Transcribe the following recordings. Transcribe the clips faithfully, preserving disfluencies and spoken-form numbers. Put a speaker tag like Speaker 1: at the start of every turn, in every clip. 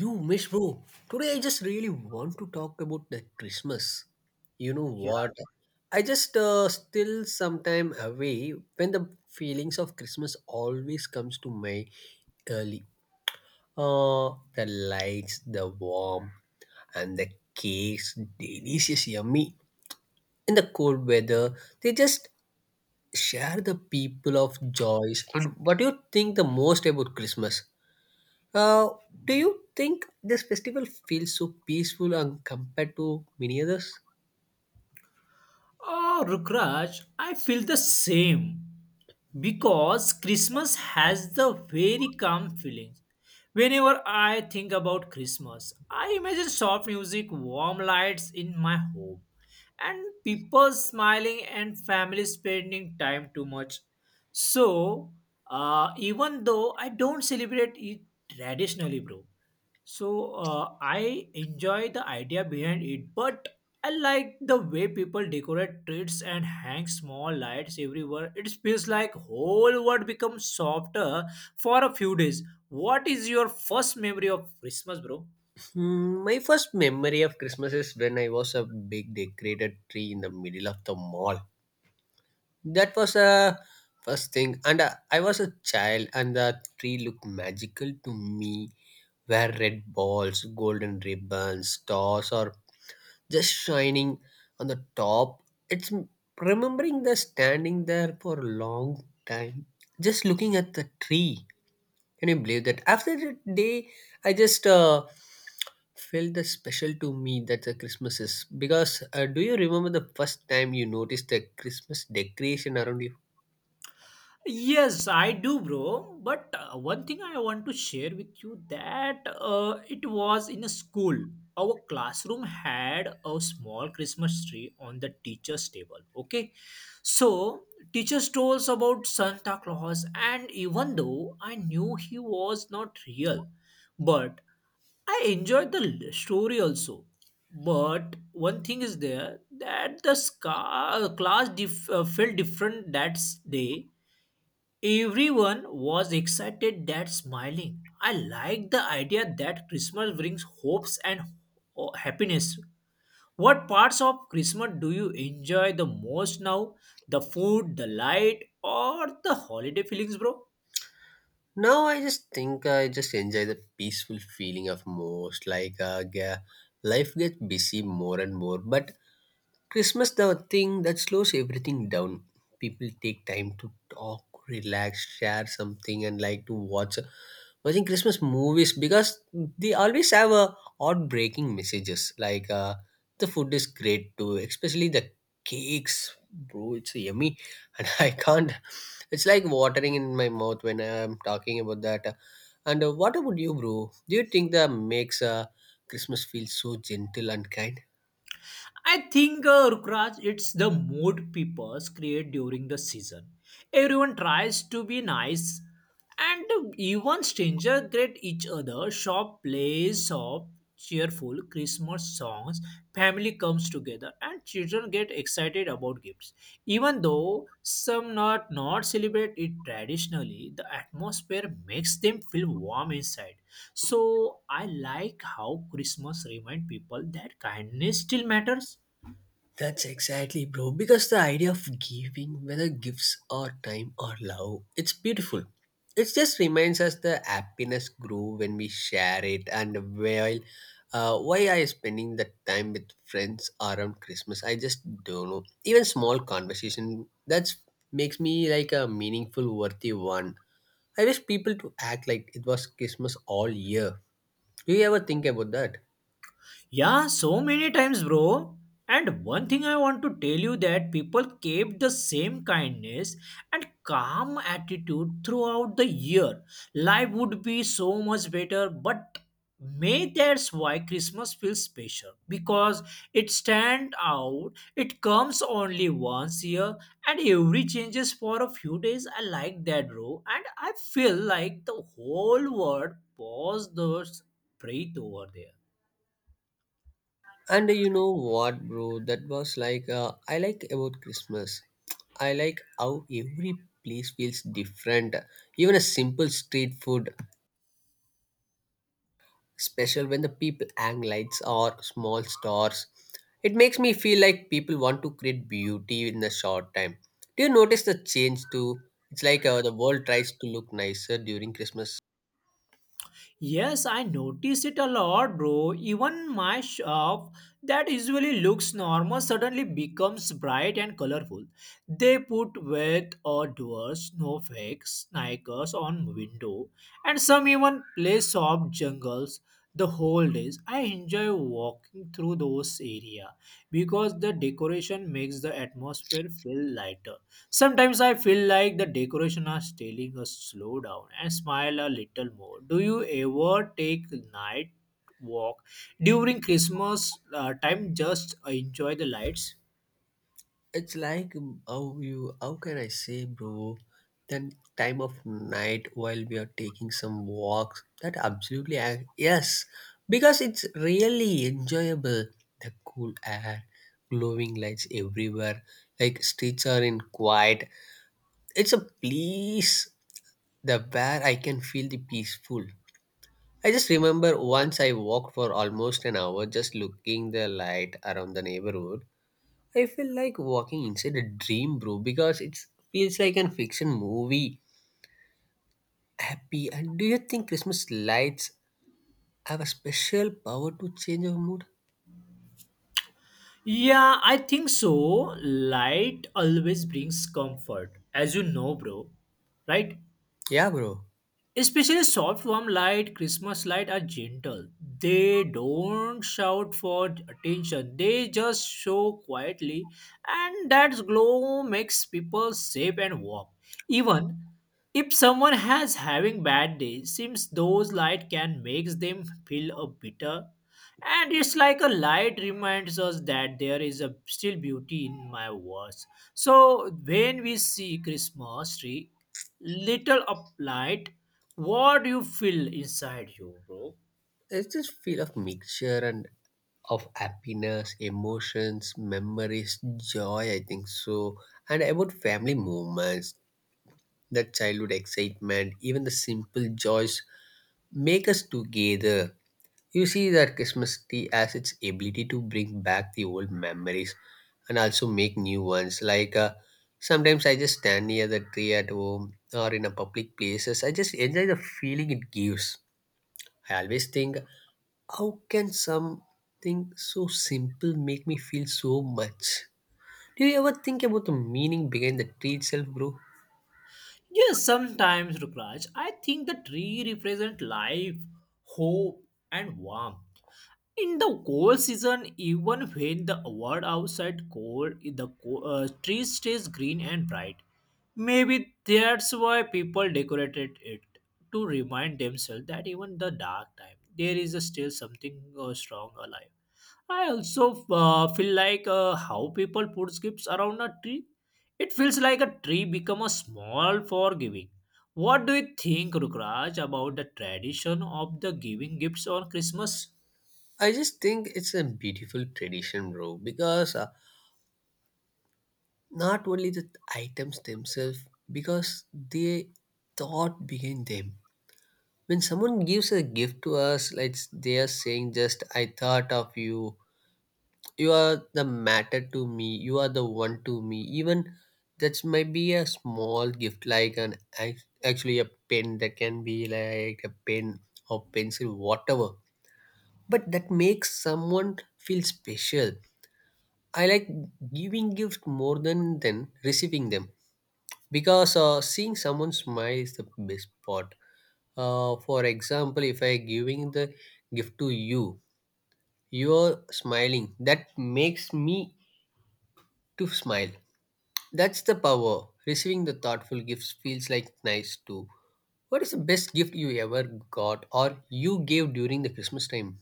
Speaker 1: You miss, bro. Today I just really want to talk about the Christmas. You know
Speaker 2: Yeah.
Speaker 1: what? I just uh, still sometime away when the feelings of Christmas always comes to my early. Uh, the lights, the warmth, and the cakes, delicious, yummy. In the cold weather, they just share the people of joys. And what do you think the most about Christmas? Uh, do you think this festival feels so peaceful and compared to many others?
Speaker 2: Oh, Rukraj, I feel the same because Christmas has the very calm feeling. Whenever I think about Christmas, I imagine soft music, warm lights in my home, and people smiling and family spending time too much. So, uh, even though I don't celebrate it traditionally, bro, So uh, I enjoy the idea behind it, but I like the way people decorate treats and hang small lights everywhere. It feels like whole world becomes softer for a few days. What is your first memory of Christmas, bro?
Speaker 1: Hmm, my first memory of Christmas is when I was a big decorated tree in the middle of the mall. That was a first thing, and uh, I was a child, and the tree looked magical to me. Where red balls, golden ribbons, stars, or just shining on the top. It's m- remembering the standing there for a long time, just looking at the tree. Can you believe that? After that day, I just uh, felt the special to me that the Christmas is because uh, do you remember the first time you noticed the Christmas decoration around you?
Speaker 2: Yes, I do, bro. But uh, one thing I want to share with you that uh, it was in a school. Our classroom had a small Christmas tree on the teacher's table. Okay, so teachers told us about Santa Claus, and even though I knew he was not real, but I enjoyed the l- story also. But one thing is there that the scar- class dif- uh, felt different that s- day. Everyone was excited that smiling. I like the idea that Christmas brings hopes and ho- happiness. What parts of Christmas do you enjoy the most now? The food, the light, or the holiday feelings, bro?
Speaker 1: Now I just think I just enjoy the peaceful feeling of most like uh, yeah, life gets busy more and more, but Christmas the thing that slows everything down. People take time to talk, relax, share something, and like to watch watching Christmas movies because they always have a heartbreaking messages. Like uh, the food is great too, especially the cakes, bro. It's yummy, and I can't. It's like watering in my mouth when I'm talking about that. And uh, what about you, bro? Do you think that makes uh, Christmas feel so gentle and kind?
Speaker 2: I think, uh, Rukraj, it's the mood people create during the season. Everyone tries to be nice, and even strangers greet each other. Shop plays soft, cheerful Christmas songs. Family comes together, and children get excited about gifts. Even though some not not celebrate it traditionally, the atmosphere makes them feel warm inside. So I like how Christmas remind people that kindness still matters.
Speaker 1: That's exactly, bro. Because the idea of giving, whether gifts or time or love, it's beautiful. It just reminds us the happiness grow when we share it. And while, uh, why I spending the time with friends around Christmas? I just don't know. Even small conversation that's makes me like a meaningful, worthy one. I wish people to act like it was Christmas all year. Do you ever think about that?
Speaker 2: Yeah, so many times, bro. And one thing I want to tell you that people kept the same kindness and calm attitude throughout the year. Life would be so much better, but may that's why Christmas feels special because it stands out. It comes only once year, and every changes for a few days. I like that, bro, and I feel like the whole world paused, those breath over there.
Speaker 1: And you know what, bro? That was like uh, I like about Christmas. I like how every place feels different. Even a simple street food, special when the people hang lights or small stars. It makes me feel like people want to create beauty in a short time. Do you notice the change too? It's like uh, the world tries to look nicer during Christmas.
Speaker 2: Yes, I notice it a lot, bro. Even my shop that usually looks normal suddenly becomes bright and colorful. They put wet or doors, snowflakes, sneakers on window, and some even play soft jungles the whole days. I enjoy walking through those area because the decoration makes the atmosphere feel lighter. Sometimes I feel like the decoration are telling us slow down and smile a little more. Do you ever take night walk during Christmas uh, time just enjoy the lights?
Speaker 1: It's like um, how you how can I say, bro? Then time of night while we are taking some walks. That absolutely I, yes, because it's really enjoyable. The cool air, glowing lights everywhere, like streets are in quiet. It's a place the where I can feel the peaceful. I just remember once I walked for almost an hour just looking the light around the neighborhood. I feel like walking inside a dream, bro, because it feels like an fiction movie. Happy. And do you think Christmas lights have a special power to change our mood?
Speaker 2: Yeah, I think so. Light always brings comfort, as you know, bro. Right?
Speaker 1: Yeah, bro.
Speaker 2: Especially soft warm light, Christmas light are gentle. They don't shout for attention. They just show quietly, and that glow makes people safe and warm. Even if someone has having bad day, seems those light can make them feel a bitter. And it's like a light reminds us that there is a still beauty in my words. So when we see Christmas tree, little of light, what do you feel inside you, bro?
Speaker 1: It's this feel of mixture and of happiness, emotions, memories, joy, I think so. And about family moments, that childhood excitement, even the simple joys make us together. You see that Christmas tree has its ability to bring back the old memories and also make new ones. Like uh, sometimes I just stand near the tree at home or in a public places. I just enjoy the feeling it gives. I always think, how can something so simple make me feel so much? Do you ever think about the meaning behind the tree itself, bro?
Speaker 2: Yes, sometimes, Rukraj, I think the tree represent life, hope, and warmth. In the cold season, even when the world outside cold, the co- uh, tree stays green and bright. Maybe that's why people decorated it to remind themselves that even the dark time, there is still something uh, strong alive. I also uh, feel like uh, how people put gifts around a tree. It feels like a tree become a small for giving. What do you think, Rukraj, about the tradition of the giving gifts on Christmas?
Speaker 1: I just think it's a beautiful tradition, bro, because uh, not only the items themselves because they thought behind them when someone gives a gift to us like they are saying just I thought of you, you are the matter to me, you are the one to me, even that might be a small gift like an ac- actually a pen that can be like a pen or pencil whatever, but that makes someone feel special. I like giving gift more than than receiving them because uh, seeing someone smile is the best part. uh, for example, if I giving the gift to you, you're smiling that makes me to smile. That's the power receiving the thoughtful gifts feels like nice too. What is the best gift you ever got or you gave during the Christmas time?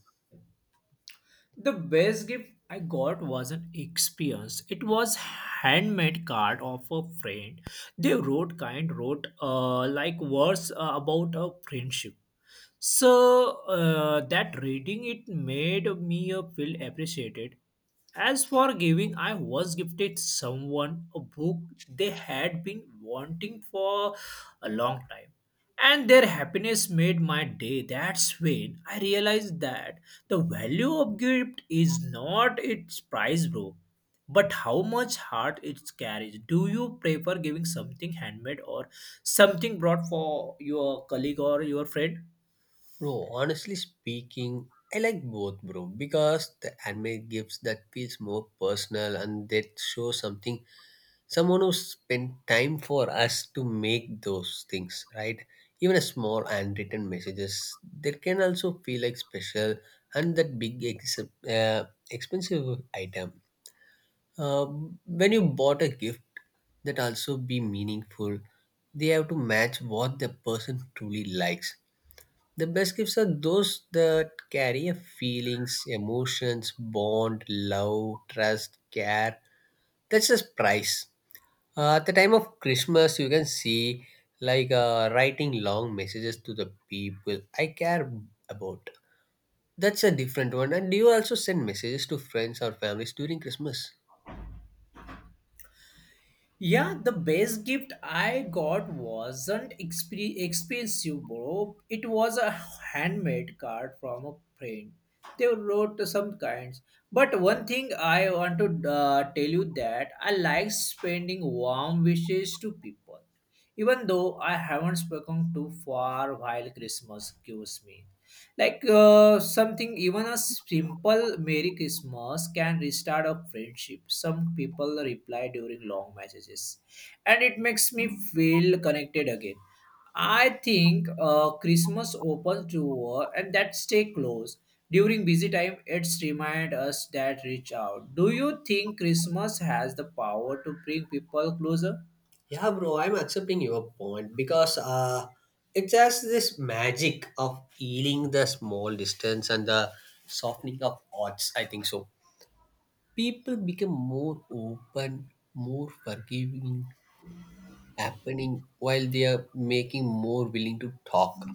Speaker 2: The best gift I got was an experience. It was handmade card of a friend. They wrote kind, wrote uh, like words uh, about a friendship. So uh, that reading it made me uh, feel appreciated. As for giving, I was gifted someone a book they had been wanting for a long time. And their happiness made my day. That's when I realized that the value of gift is not its price, bro, but how much heart it carries. Do you prefer giving something handmade or something brought for your colleague or your friend?
Speaker 1: Bro, honestly speaking, I like both, bro, because the handmade gifts that feels more personal and that show something, someone who spent time for us to make those things right. Even a small handwritten messages, they can also feel like special. And that big ex- uh, expensive item, uh, when you bought a gift, that also be meaningful. They have to match what the person truly likes. The best gifts are those that carry a feelings, emotions, bond, love, trust, care. That's just price. uh, at the time of Christmas, you can see like uh, writing long messages to the people I care about. That's a different one. And do you also send messages to friends or families during Christmas?
Speaker 2: Yeah, the best gift I got wasn't exp- expensive, bro. It was a handmade card from a friend. They wrote some kinds. But one thing I want to uh, tell you that I like spending warm wishes to people even though I haven't spoken to for while Christmas gives me. Like uh, something, even a simple Merry Christmas can restart a friendship. Some people reply during long messages, and it makes me feel connected again. I think uh, Christmas opens door and that stay close. During busy time, it's remind us that reach out. Do you think Christmas has the power to bring people closer?
Speaker 1: Yeah, bro, I'm accepting your point because uh, it has this magic of healing the small distance and the softening of hearts. I think so. People become more open, more forgiving, happening while they are making more willing to talk.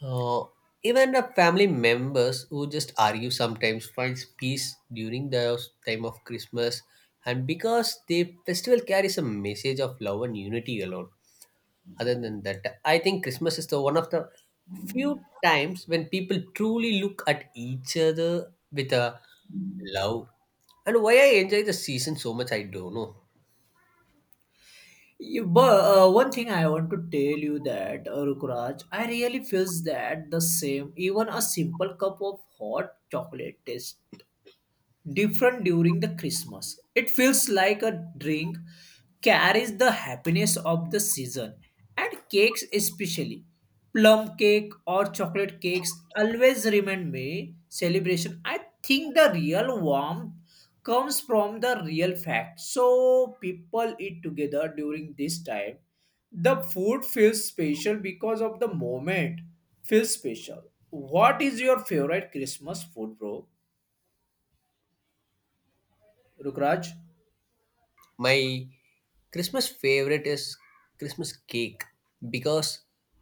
Speaker 1: Uh, even the family members who just argue sometimes finds peace during the time of Christmas, and because the festival carries a message of love and unity alone. Other than that, I think Christmas is the one of the few times when people truly look at each other with a love. And why I enjoy the season so much, I don't know.
Speaker 2: You, but uh, one thing I want to tell you that uh, Rukraj, I really feels that the same. Even a simple cup of hot chocolate tastes different during the Christmas. It feels like a drink carries the happiness of the season and cakes especially. Plum cake or chocolate cakes always remind me celebration. I think the real warmth comes from the real fact. So people eat together during this time. The food feels special because of the moment feels special. What is your favorite Christmas food, bro? Rukraj?
Speaker 1: My Christmas favorite is Christmas cake because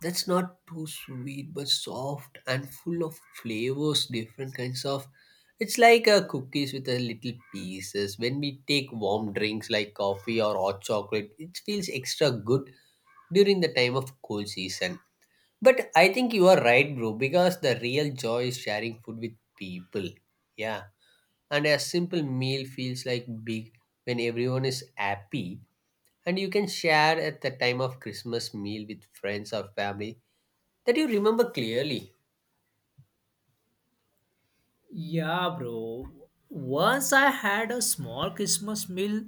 Speaker 1: that's not too sweet but soft and full of flavors, different kinds of. It's like a cookies with a little pieces. When we take warm drinks like coffee or hot chocolate, it feels extra good during the time of cold season. But I think you are right, bro, because the real joy is sharing food with people. Yeah, and a simple meal feels like big when everyone is happy, and you can share at the time of Christmas meal with friends or family that you remember clearly.
Speaker 2: Yeah, bro. Once I had a small Christmas meal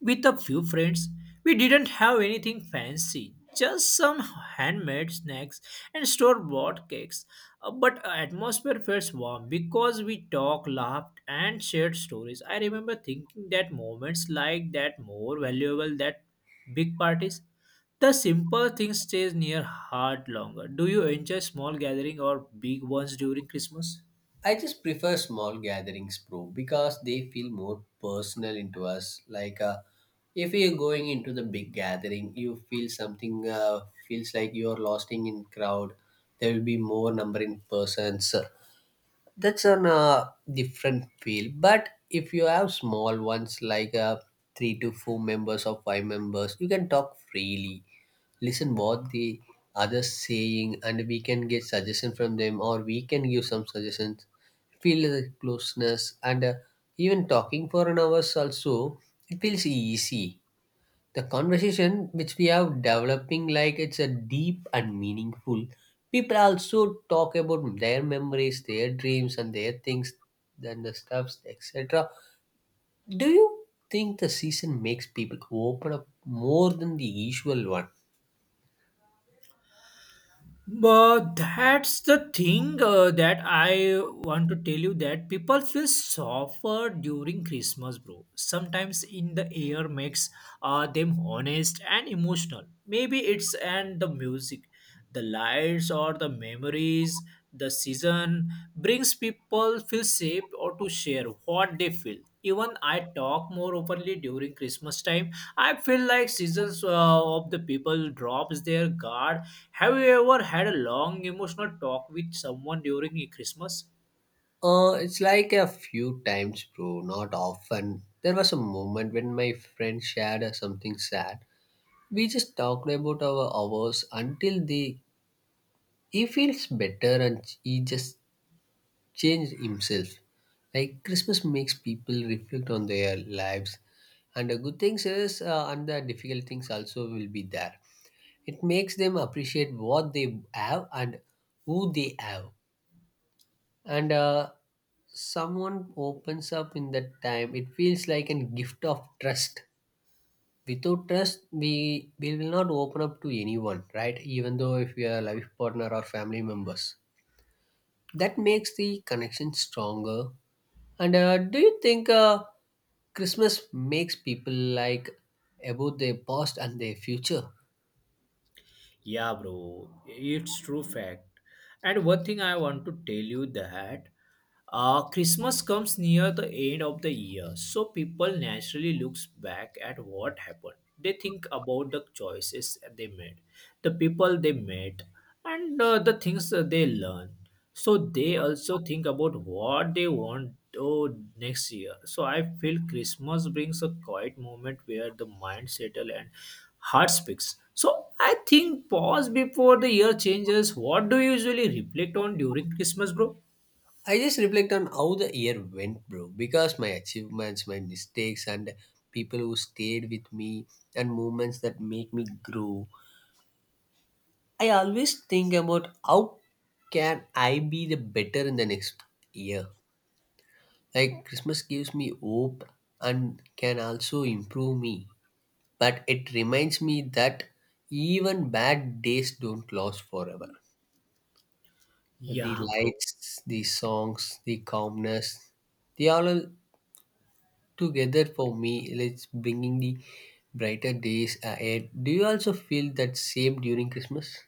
Speaker 2: with a few friends. We didn't have anything fancy, just some handmade snacks and store bought cakes. Uh, But uh, atmosphere felt warm because we talked, laughed, and shared stories. I remember thinking that moments like that more valuable than big parties. The simple thing stays near heart longer. Do you enjoy small gathering or big ones during Christmas?
Speaker 1: I just prefer small gatherings, bro, because they feel more personal into us. Like uh, if you're going into the big gathering, you feel something uh, feels like you're lost in crowd. There will be more number in persons. That's on a different field. But if you have small ones like uh, three to four members or five members, you can talk freely, listen what the others saying, and we can get suggestion from them or we can give some suggestions, feel the closeness, and uh, even talking for an hours also, it feels easy. The conversation which we have developing like it's a deep and meaningful. People also talk about their memories, their dreams, and their things and the stuffs, etc. Do you think the season makes people open up more than the usual one?
Speaker 2: But that's the thing uh, that I want to tell you that people feel softer during Christmas, bro. Sometimes in the air makes uh, them honest and emotional. Maybe it's and the music, the lights or the memories, the season brings people feel safe or to share what they feel, even I talk more openly during Christmas time. I feel like seasons uh, of the people drops their guard. Have you ever had a long emotional talk with someone during Christmas?
Speaker 1: Uh, it's like a few times, bro, not often. There was a moment when my friend shared uh, something sad. We just talked about our hours until the he feels better, and he just change himself. Like Christmas makes people reflect on their lives, and the good things is, uh, and the difficult things also will be there. It makes them appreciate what they have and who they have, and uh, someone opens up in that time. It feels like a gift of trust. Without trust, we, we will not open up to anyone, right? Even though if we are life partner or family members. That makes the connection stronger. And uh, do you think uh, Christmas makes people like about their past and their future?
Speaker 2: Yeah, bro, it's true fact. And one thing I want to tell you that uh, Christmas comes near the end of the year, so people naturally looks back at what happened. They think about the choices they made, the people they met, and uh, the things that they learned. So they also think about what they want oh, next year. So I feel Christmas brings a quiet moment where the mind settles and heart speaks. So I think pause before the year changes. What do you usually reflect on during Christmas, bro?
Speaker 1: I just reflect on how the year went, bro, because my achievements, my mistakes, and people who stayed with me, and moments that make me grow. I always think about how can I be the better in the next year. Like Christmas gives me hope and can also improve me, but it reminds me that even bad days don't last forever. The
Speaker 2: Yeah, bro.
Speaker 1: lights, the songs, the calmness, they all are together for me. It's bringing the brighter days ahead. Do you also feel that same during Christmas?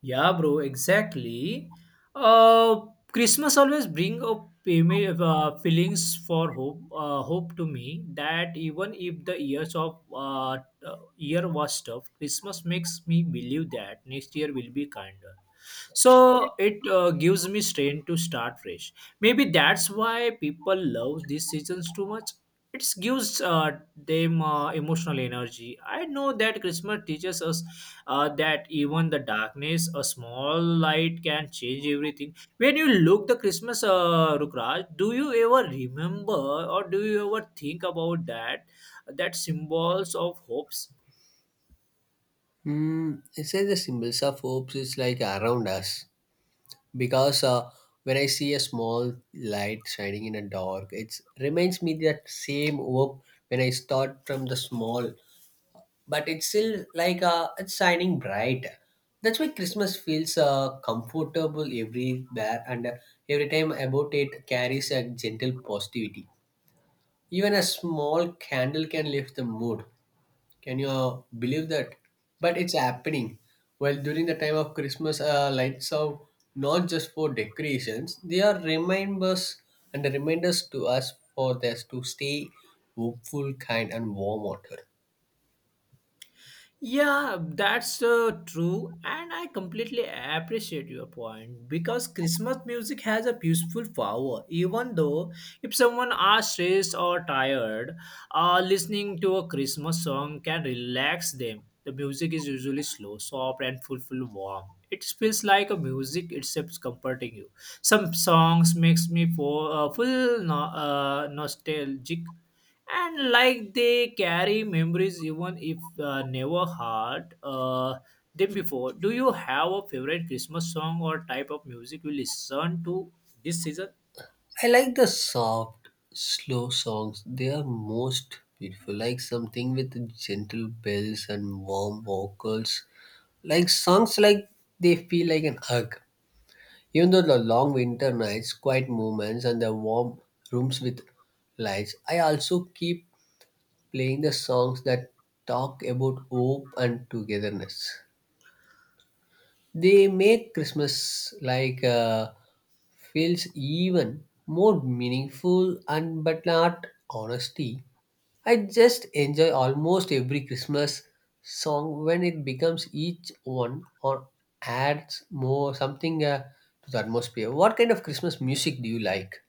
Speaker 2: Yeah, bro, exactly. Uh, Christmas always bring up payme- uh, feelings for hope, uh, hope to me that even if the years of uh, uh, year was tough, Christmas makes me believe that next year will be kinder. So it uh, gives me strength to start fresh. Maybe that's why people love these seasons too much. It gives uh, them uh, emotional energy. I know that Christmas teaches us uh, that even the darkness a small light can change everything when you look the Christmas. uh, Rukraj, do you ever remember, or do you ever think about that, that symbols of hopes?
Speaker 1: Mm, it says the symbols of hopes is like around us because uh, when I see a small light shining in a dark, it reminds me that same hope when I start from the small, but it's still like uh, it's shining bright. That's why Christmas feels uh, comfortable everywhere, and uh, every time about it carries a gentle positivity. Even a small candle can lift the mood. Can you uh, believe that? But it's happening. Well, during the time of Christmas, uh, lights are not just for decorations; they are reminders and reminders to us for us to stay hopeful, kind, and warm. Water.
Speaker 2: Yeah, that's uh, true, and I completely appreciate your point because Christmas music has a peaceful power. Even though if someone are stressed or tired, Uh, listening to a Christmas song can relax them. The music is usually slow, soft, and full, full warm. It feels like a music itself is comforting you. Some songs makes me fo- uh, full no- uh, nostalgic, and like they carry memories even if uh, never heard uh, them before. Do you have a favorite Christmas song or type of music you listen to this season?
Speaker 1: I like the soft, slow songs. They are most beautiful. Like something with gentle bells and warm vocals. Like songs like they feel like an hug. Even though the long winter nights, quiet moments, and the warm rooms with lights, I also keep playing the songs that talk about hope and togetherness. They make Christmas like uh, feels even more meaningful and but not honesty. I just enjoy almost every Christmas song when it becomes each one or adds more something uh, to the atmosphere. What kind of Christmas music do you like?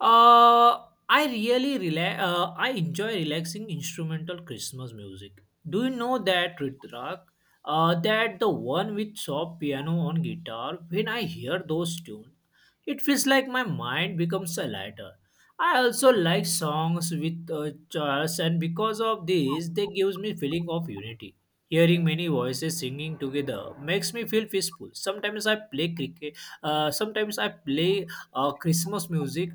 Speaker 2: Uh, I really rela- uh, I enjoy relaxing instrumental Christmas music. Do you know that Ritraq? Uh, that the one with soft piano on guitar. When I hear those tunes, it feels like my mind becomes a lighter. I also like songs with uh, chorus, and because of this, they gives me feeling of unity. Hearing many voices singing together makes me feel peaceful. Sometimes I play cricket. Uh, sometimes I play uh, Christmas music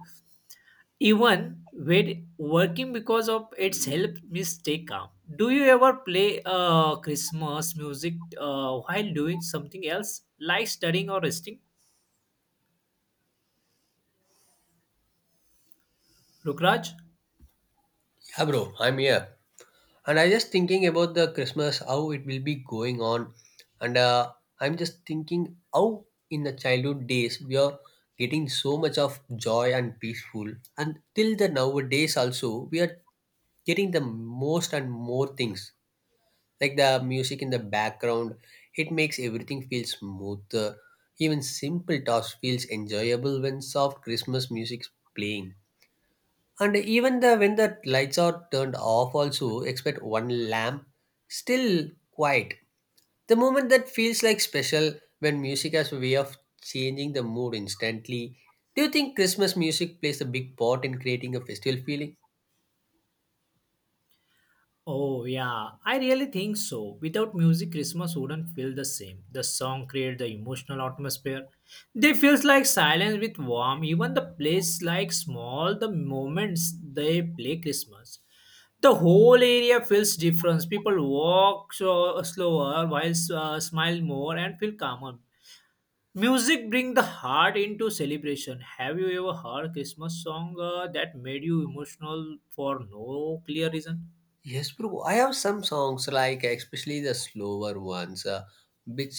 Speaker 2: even when working because of its help me stay calm. Do you ever play uh, Christmas music uh, while doing something else, like studying or resting, Rukraj?
Speaker 1: Yeah, bro, I'm here. And I just thinking about the Christmas, how it will be going on. And uh, I'm just thinking how in the childhood days we are getting so much of joy and peaceful. And till the nowadays also, we are getting the most and more things. Like the music in the background, it makes everything feel smoother. Even simple tasks feels enjoyable when soft Christmas music is playing, and even the when the lights are turned off also expect one lamp, still quiet, the moment that feels like special, when music has a way of changing the mood instantly. Do you think Christmas music plays a big part in creating a festival feeling?
Speaker 2: Oh yeah, I really think so. Without music Christmas wouldn't feel the same. The song create the emotional atmosphere. They feels like silence with warmth. Even the place like small the moments they play Christmas, the whole area feels different. People walk so uh, slower, while uh, smile more and feel calmer. Music bring the heart into celebration. Have you ever heard Christmas song uh, that made you emotional for no clear reason?
Speaker 1: Yes, bro, I have some songs like, especially the slower ones, uh, which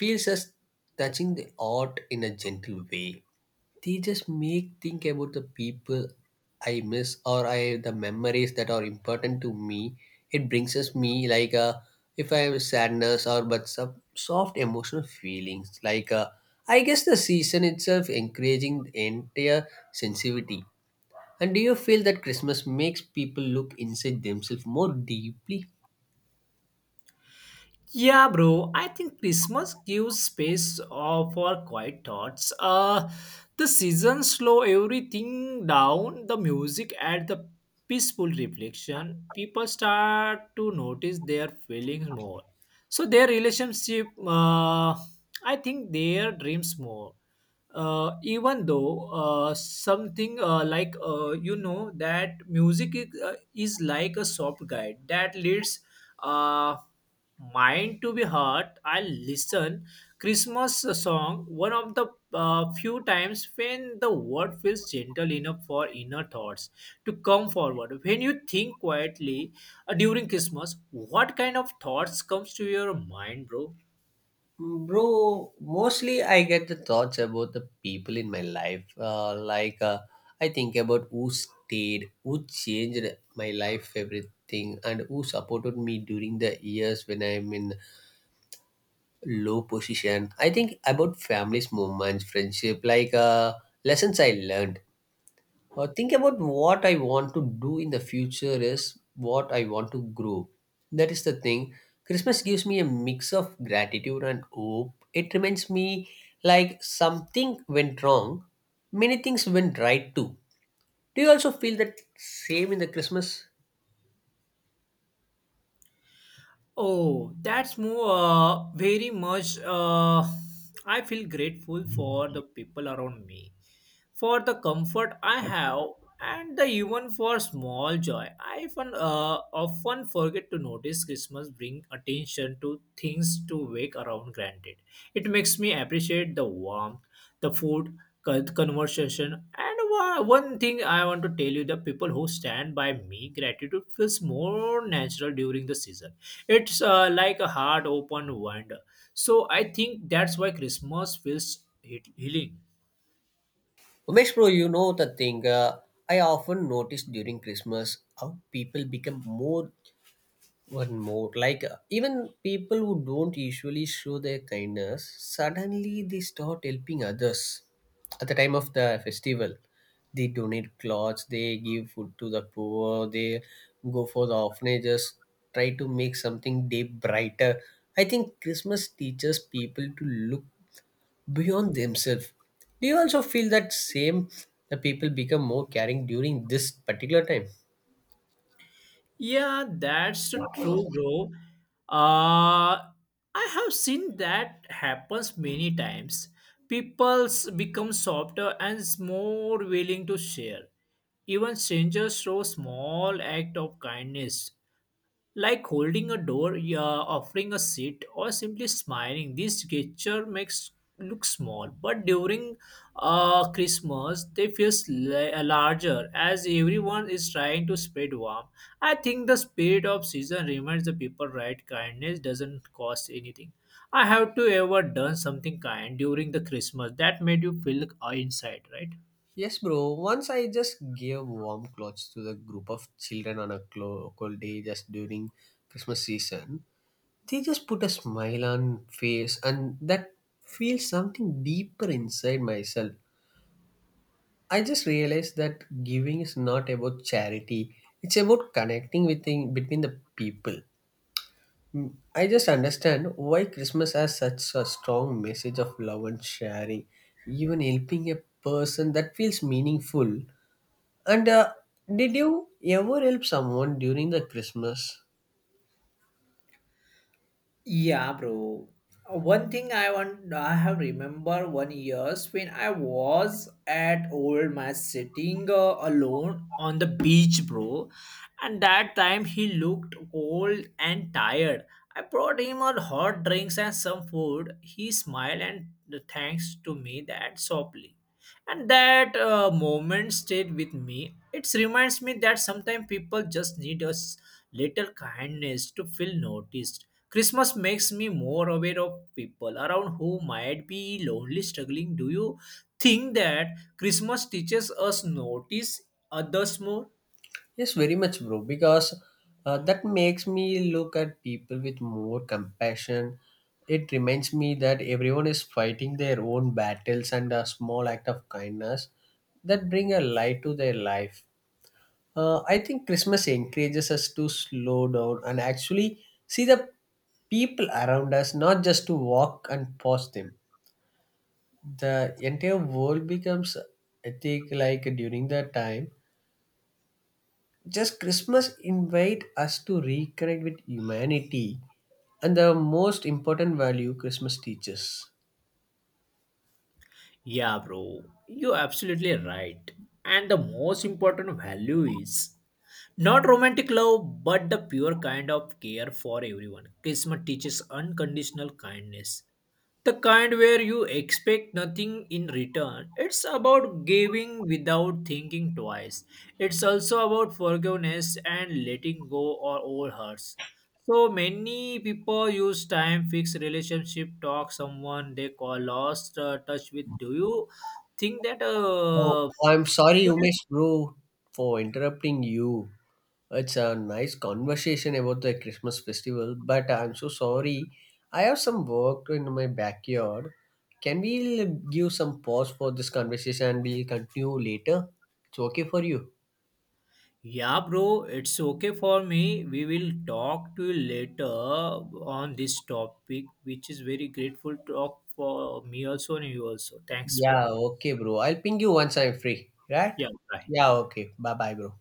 Speaker 1: feels us touching the art in a gentle way. They just make think about the people I miss or I the memories that are important to me. It brings us me like a, if I have sadness or but some soft emotional feelings like a, I guess the season itself encouraging the entire sensitivity. And do you feel that Christmas makes people look inside themselves more deeply?
Speaker 2: Yeah, bro. I think Christmas gives space uh, for quiet thoughts. Uh, the season slow everything down. The music add the peaceful reflection. People start to notice their feelings more. So their relationship, uh, I think their dreams more. Uh, even though uh, something uh, like uh, you know that music is, uh, is like a soft guide that leads uh, mind to be heart. I listen Christmas song one of the uh, few times when the word feels gentle enough for inner thoughts to come forward. When you think quietly uh, during Christmas, what kind of thoughts comes to your mind, bro?
Speaker 1: Bro, mostly I get the thoughts about the people in my life. Uh, like uh, I think about who stayed, who changed my life, everything, and who supported me during the years when I'm in low position. I think about families, moments, friendship, like uh, lessons I learned. Uh, think about what I want to do in the future is what I want to grow. That is the thing. Christmas gives me a mix of gratitude and hope. It reminds me like something went wrong, many things went right too. Do you also feel that same in the Christmas?
Speaker 2: Oh, that's more uh, very much. Uh, I feel grateful for the people around me, for the comfort I have, and the even for small joy. I often, uh, often forget to notice Christmas bring attention to things to wake around granted. It makes me appreciate the warmth, the food, con- conversation, and one one thing I want to tell you, the people who stand by me, gratitude feels more natural during the season. It's uh, like a heart open wonder. So I think that's why Christmas feels he- healing.
Speaker 1: Umesh bro, you know the thing. Uh, I often notice during Christmas how people become more. One more, like uh, even people who don't usually show their kindness, suddenly they start helping others at the time of the festival. They donate clothes, they give food to the poor, they go for the orphanages, try to make something day brighter. I think Christmas teaches people to look beyond themselves. Do you also feel that same? The people become more caring during this particular time.
Speaker 2: Yeah, that's true, bro. Uh, I have seen that happens many times. People's become softer and s- more willing to share. Even strangers show small act of kindness, like holding a door, yeah, offering a seat, or simply smiling. This gesture makes look small, but during uh, Christmas they feel larger as everyone is trying to spread warmth. I think the spirit of season reminds the people right kindness doesn't cost anything. I have to ever done something kind during the Christmas that made you feel uh, inside, right?
Speaker 1: Yes, bro. Once I just gave warm clothes to the group of children on a clo- cold day just during Christmas season. They just put a smile on face and that feels something deeper inside myself. I just realized that giving is not about charity. It's about connecting within, between the people. Mm, I just understand why Christmas has such a strong message of love and sharing. Even helping a person that feels meaningful, and uh, did you ever help someone during the Christmas?
Speaker 2: Yeah, bro. Uh, One thing I want, I have remember one years when I was at old man sitting uh, alone on the beach, bro. And that time he looked old and tired. I brought him on hot drinks and some food. He smiled and thanks to me that softly, and that uh, moment stayed with me. It reminds me that sometimes people just need a s- little kindness to feel noticed. Christmas makes me more aware of people around who might be lonely struggling. Do you think that Christmas teaches us notice others more?
Speaker 1: Yes, very much, bro. Because uh, that makes me look at people with more compassion. It reminds me that everyone is fighting their own battles, and a small act of kindness that bring a light to their life. Uh, I think Christmas encourages us to slow down and actually see the people around us, not just to walk and pause them. The entire world becomes, I think, like during that time, just Christmas invite us to reconnect with humanity and the most important value Christmas teaches.
Speaker 2: Yeah, bro, you're absolutely right, and the most important value is Not romantic love, but the pure kind of care for everyone. Kismet teaches unconditional kindness. The kind where you expect nothing in return. It's about giving without thinking twice. It's also about forgiveness and letting go of all hurts. So many people use time fix relationship talk someone they call lost uh, touch with. Do you think that
Speaker 1: Oh,
Speaker 2: uh,
Speaker 1: I'm sorry Umesh bro, for interrupting you. It's a nice conversation about the Christmas festival, but I'm so sorry, I have some work in my backyard. Can we give some pause for this conversation and we'll continue later? It's okay for you?
Speaker 2: Yeah, bro, it's okay for me. We will talk to you later on this topic, which is very grateful talk for me also and you also. Thanks
Speaker 1: Yeah,
Speaker 2: for.
Speaker 1: okay, bro. I'll ping you once I'm free, right?
Speaker 2: Yeah, bye.
Speaker 1: Yeah, okay. Bye bye, bro.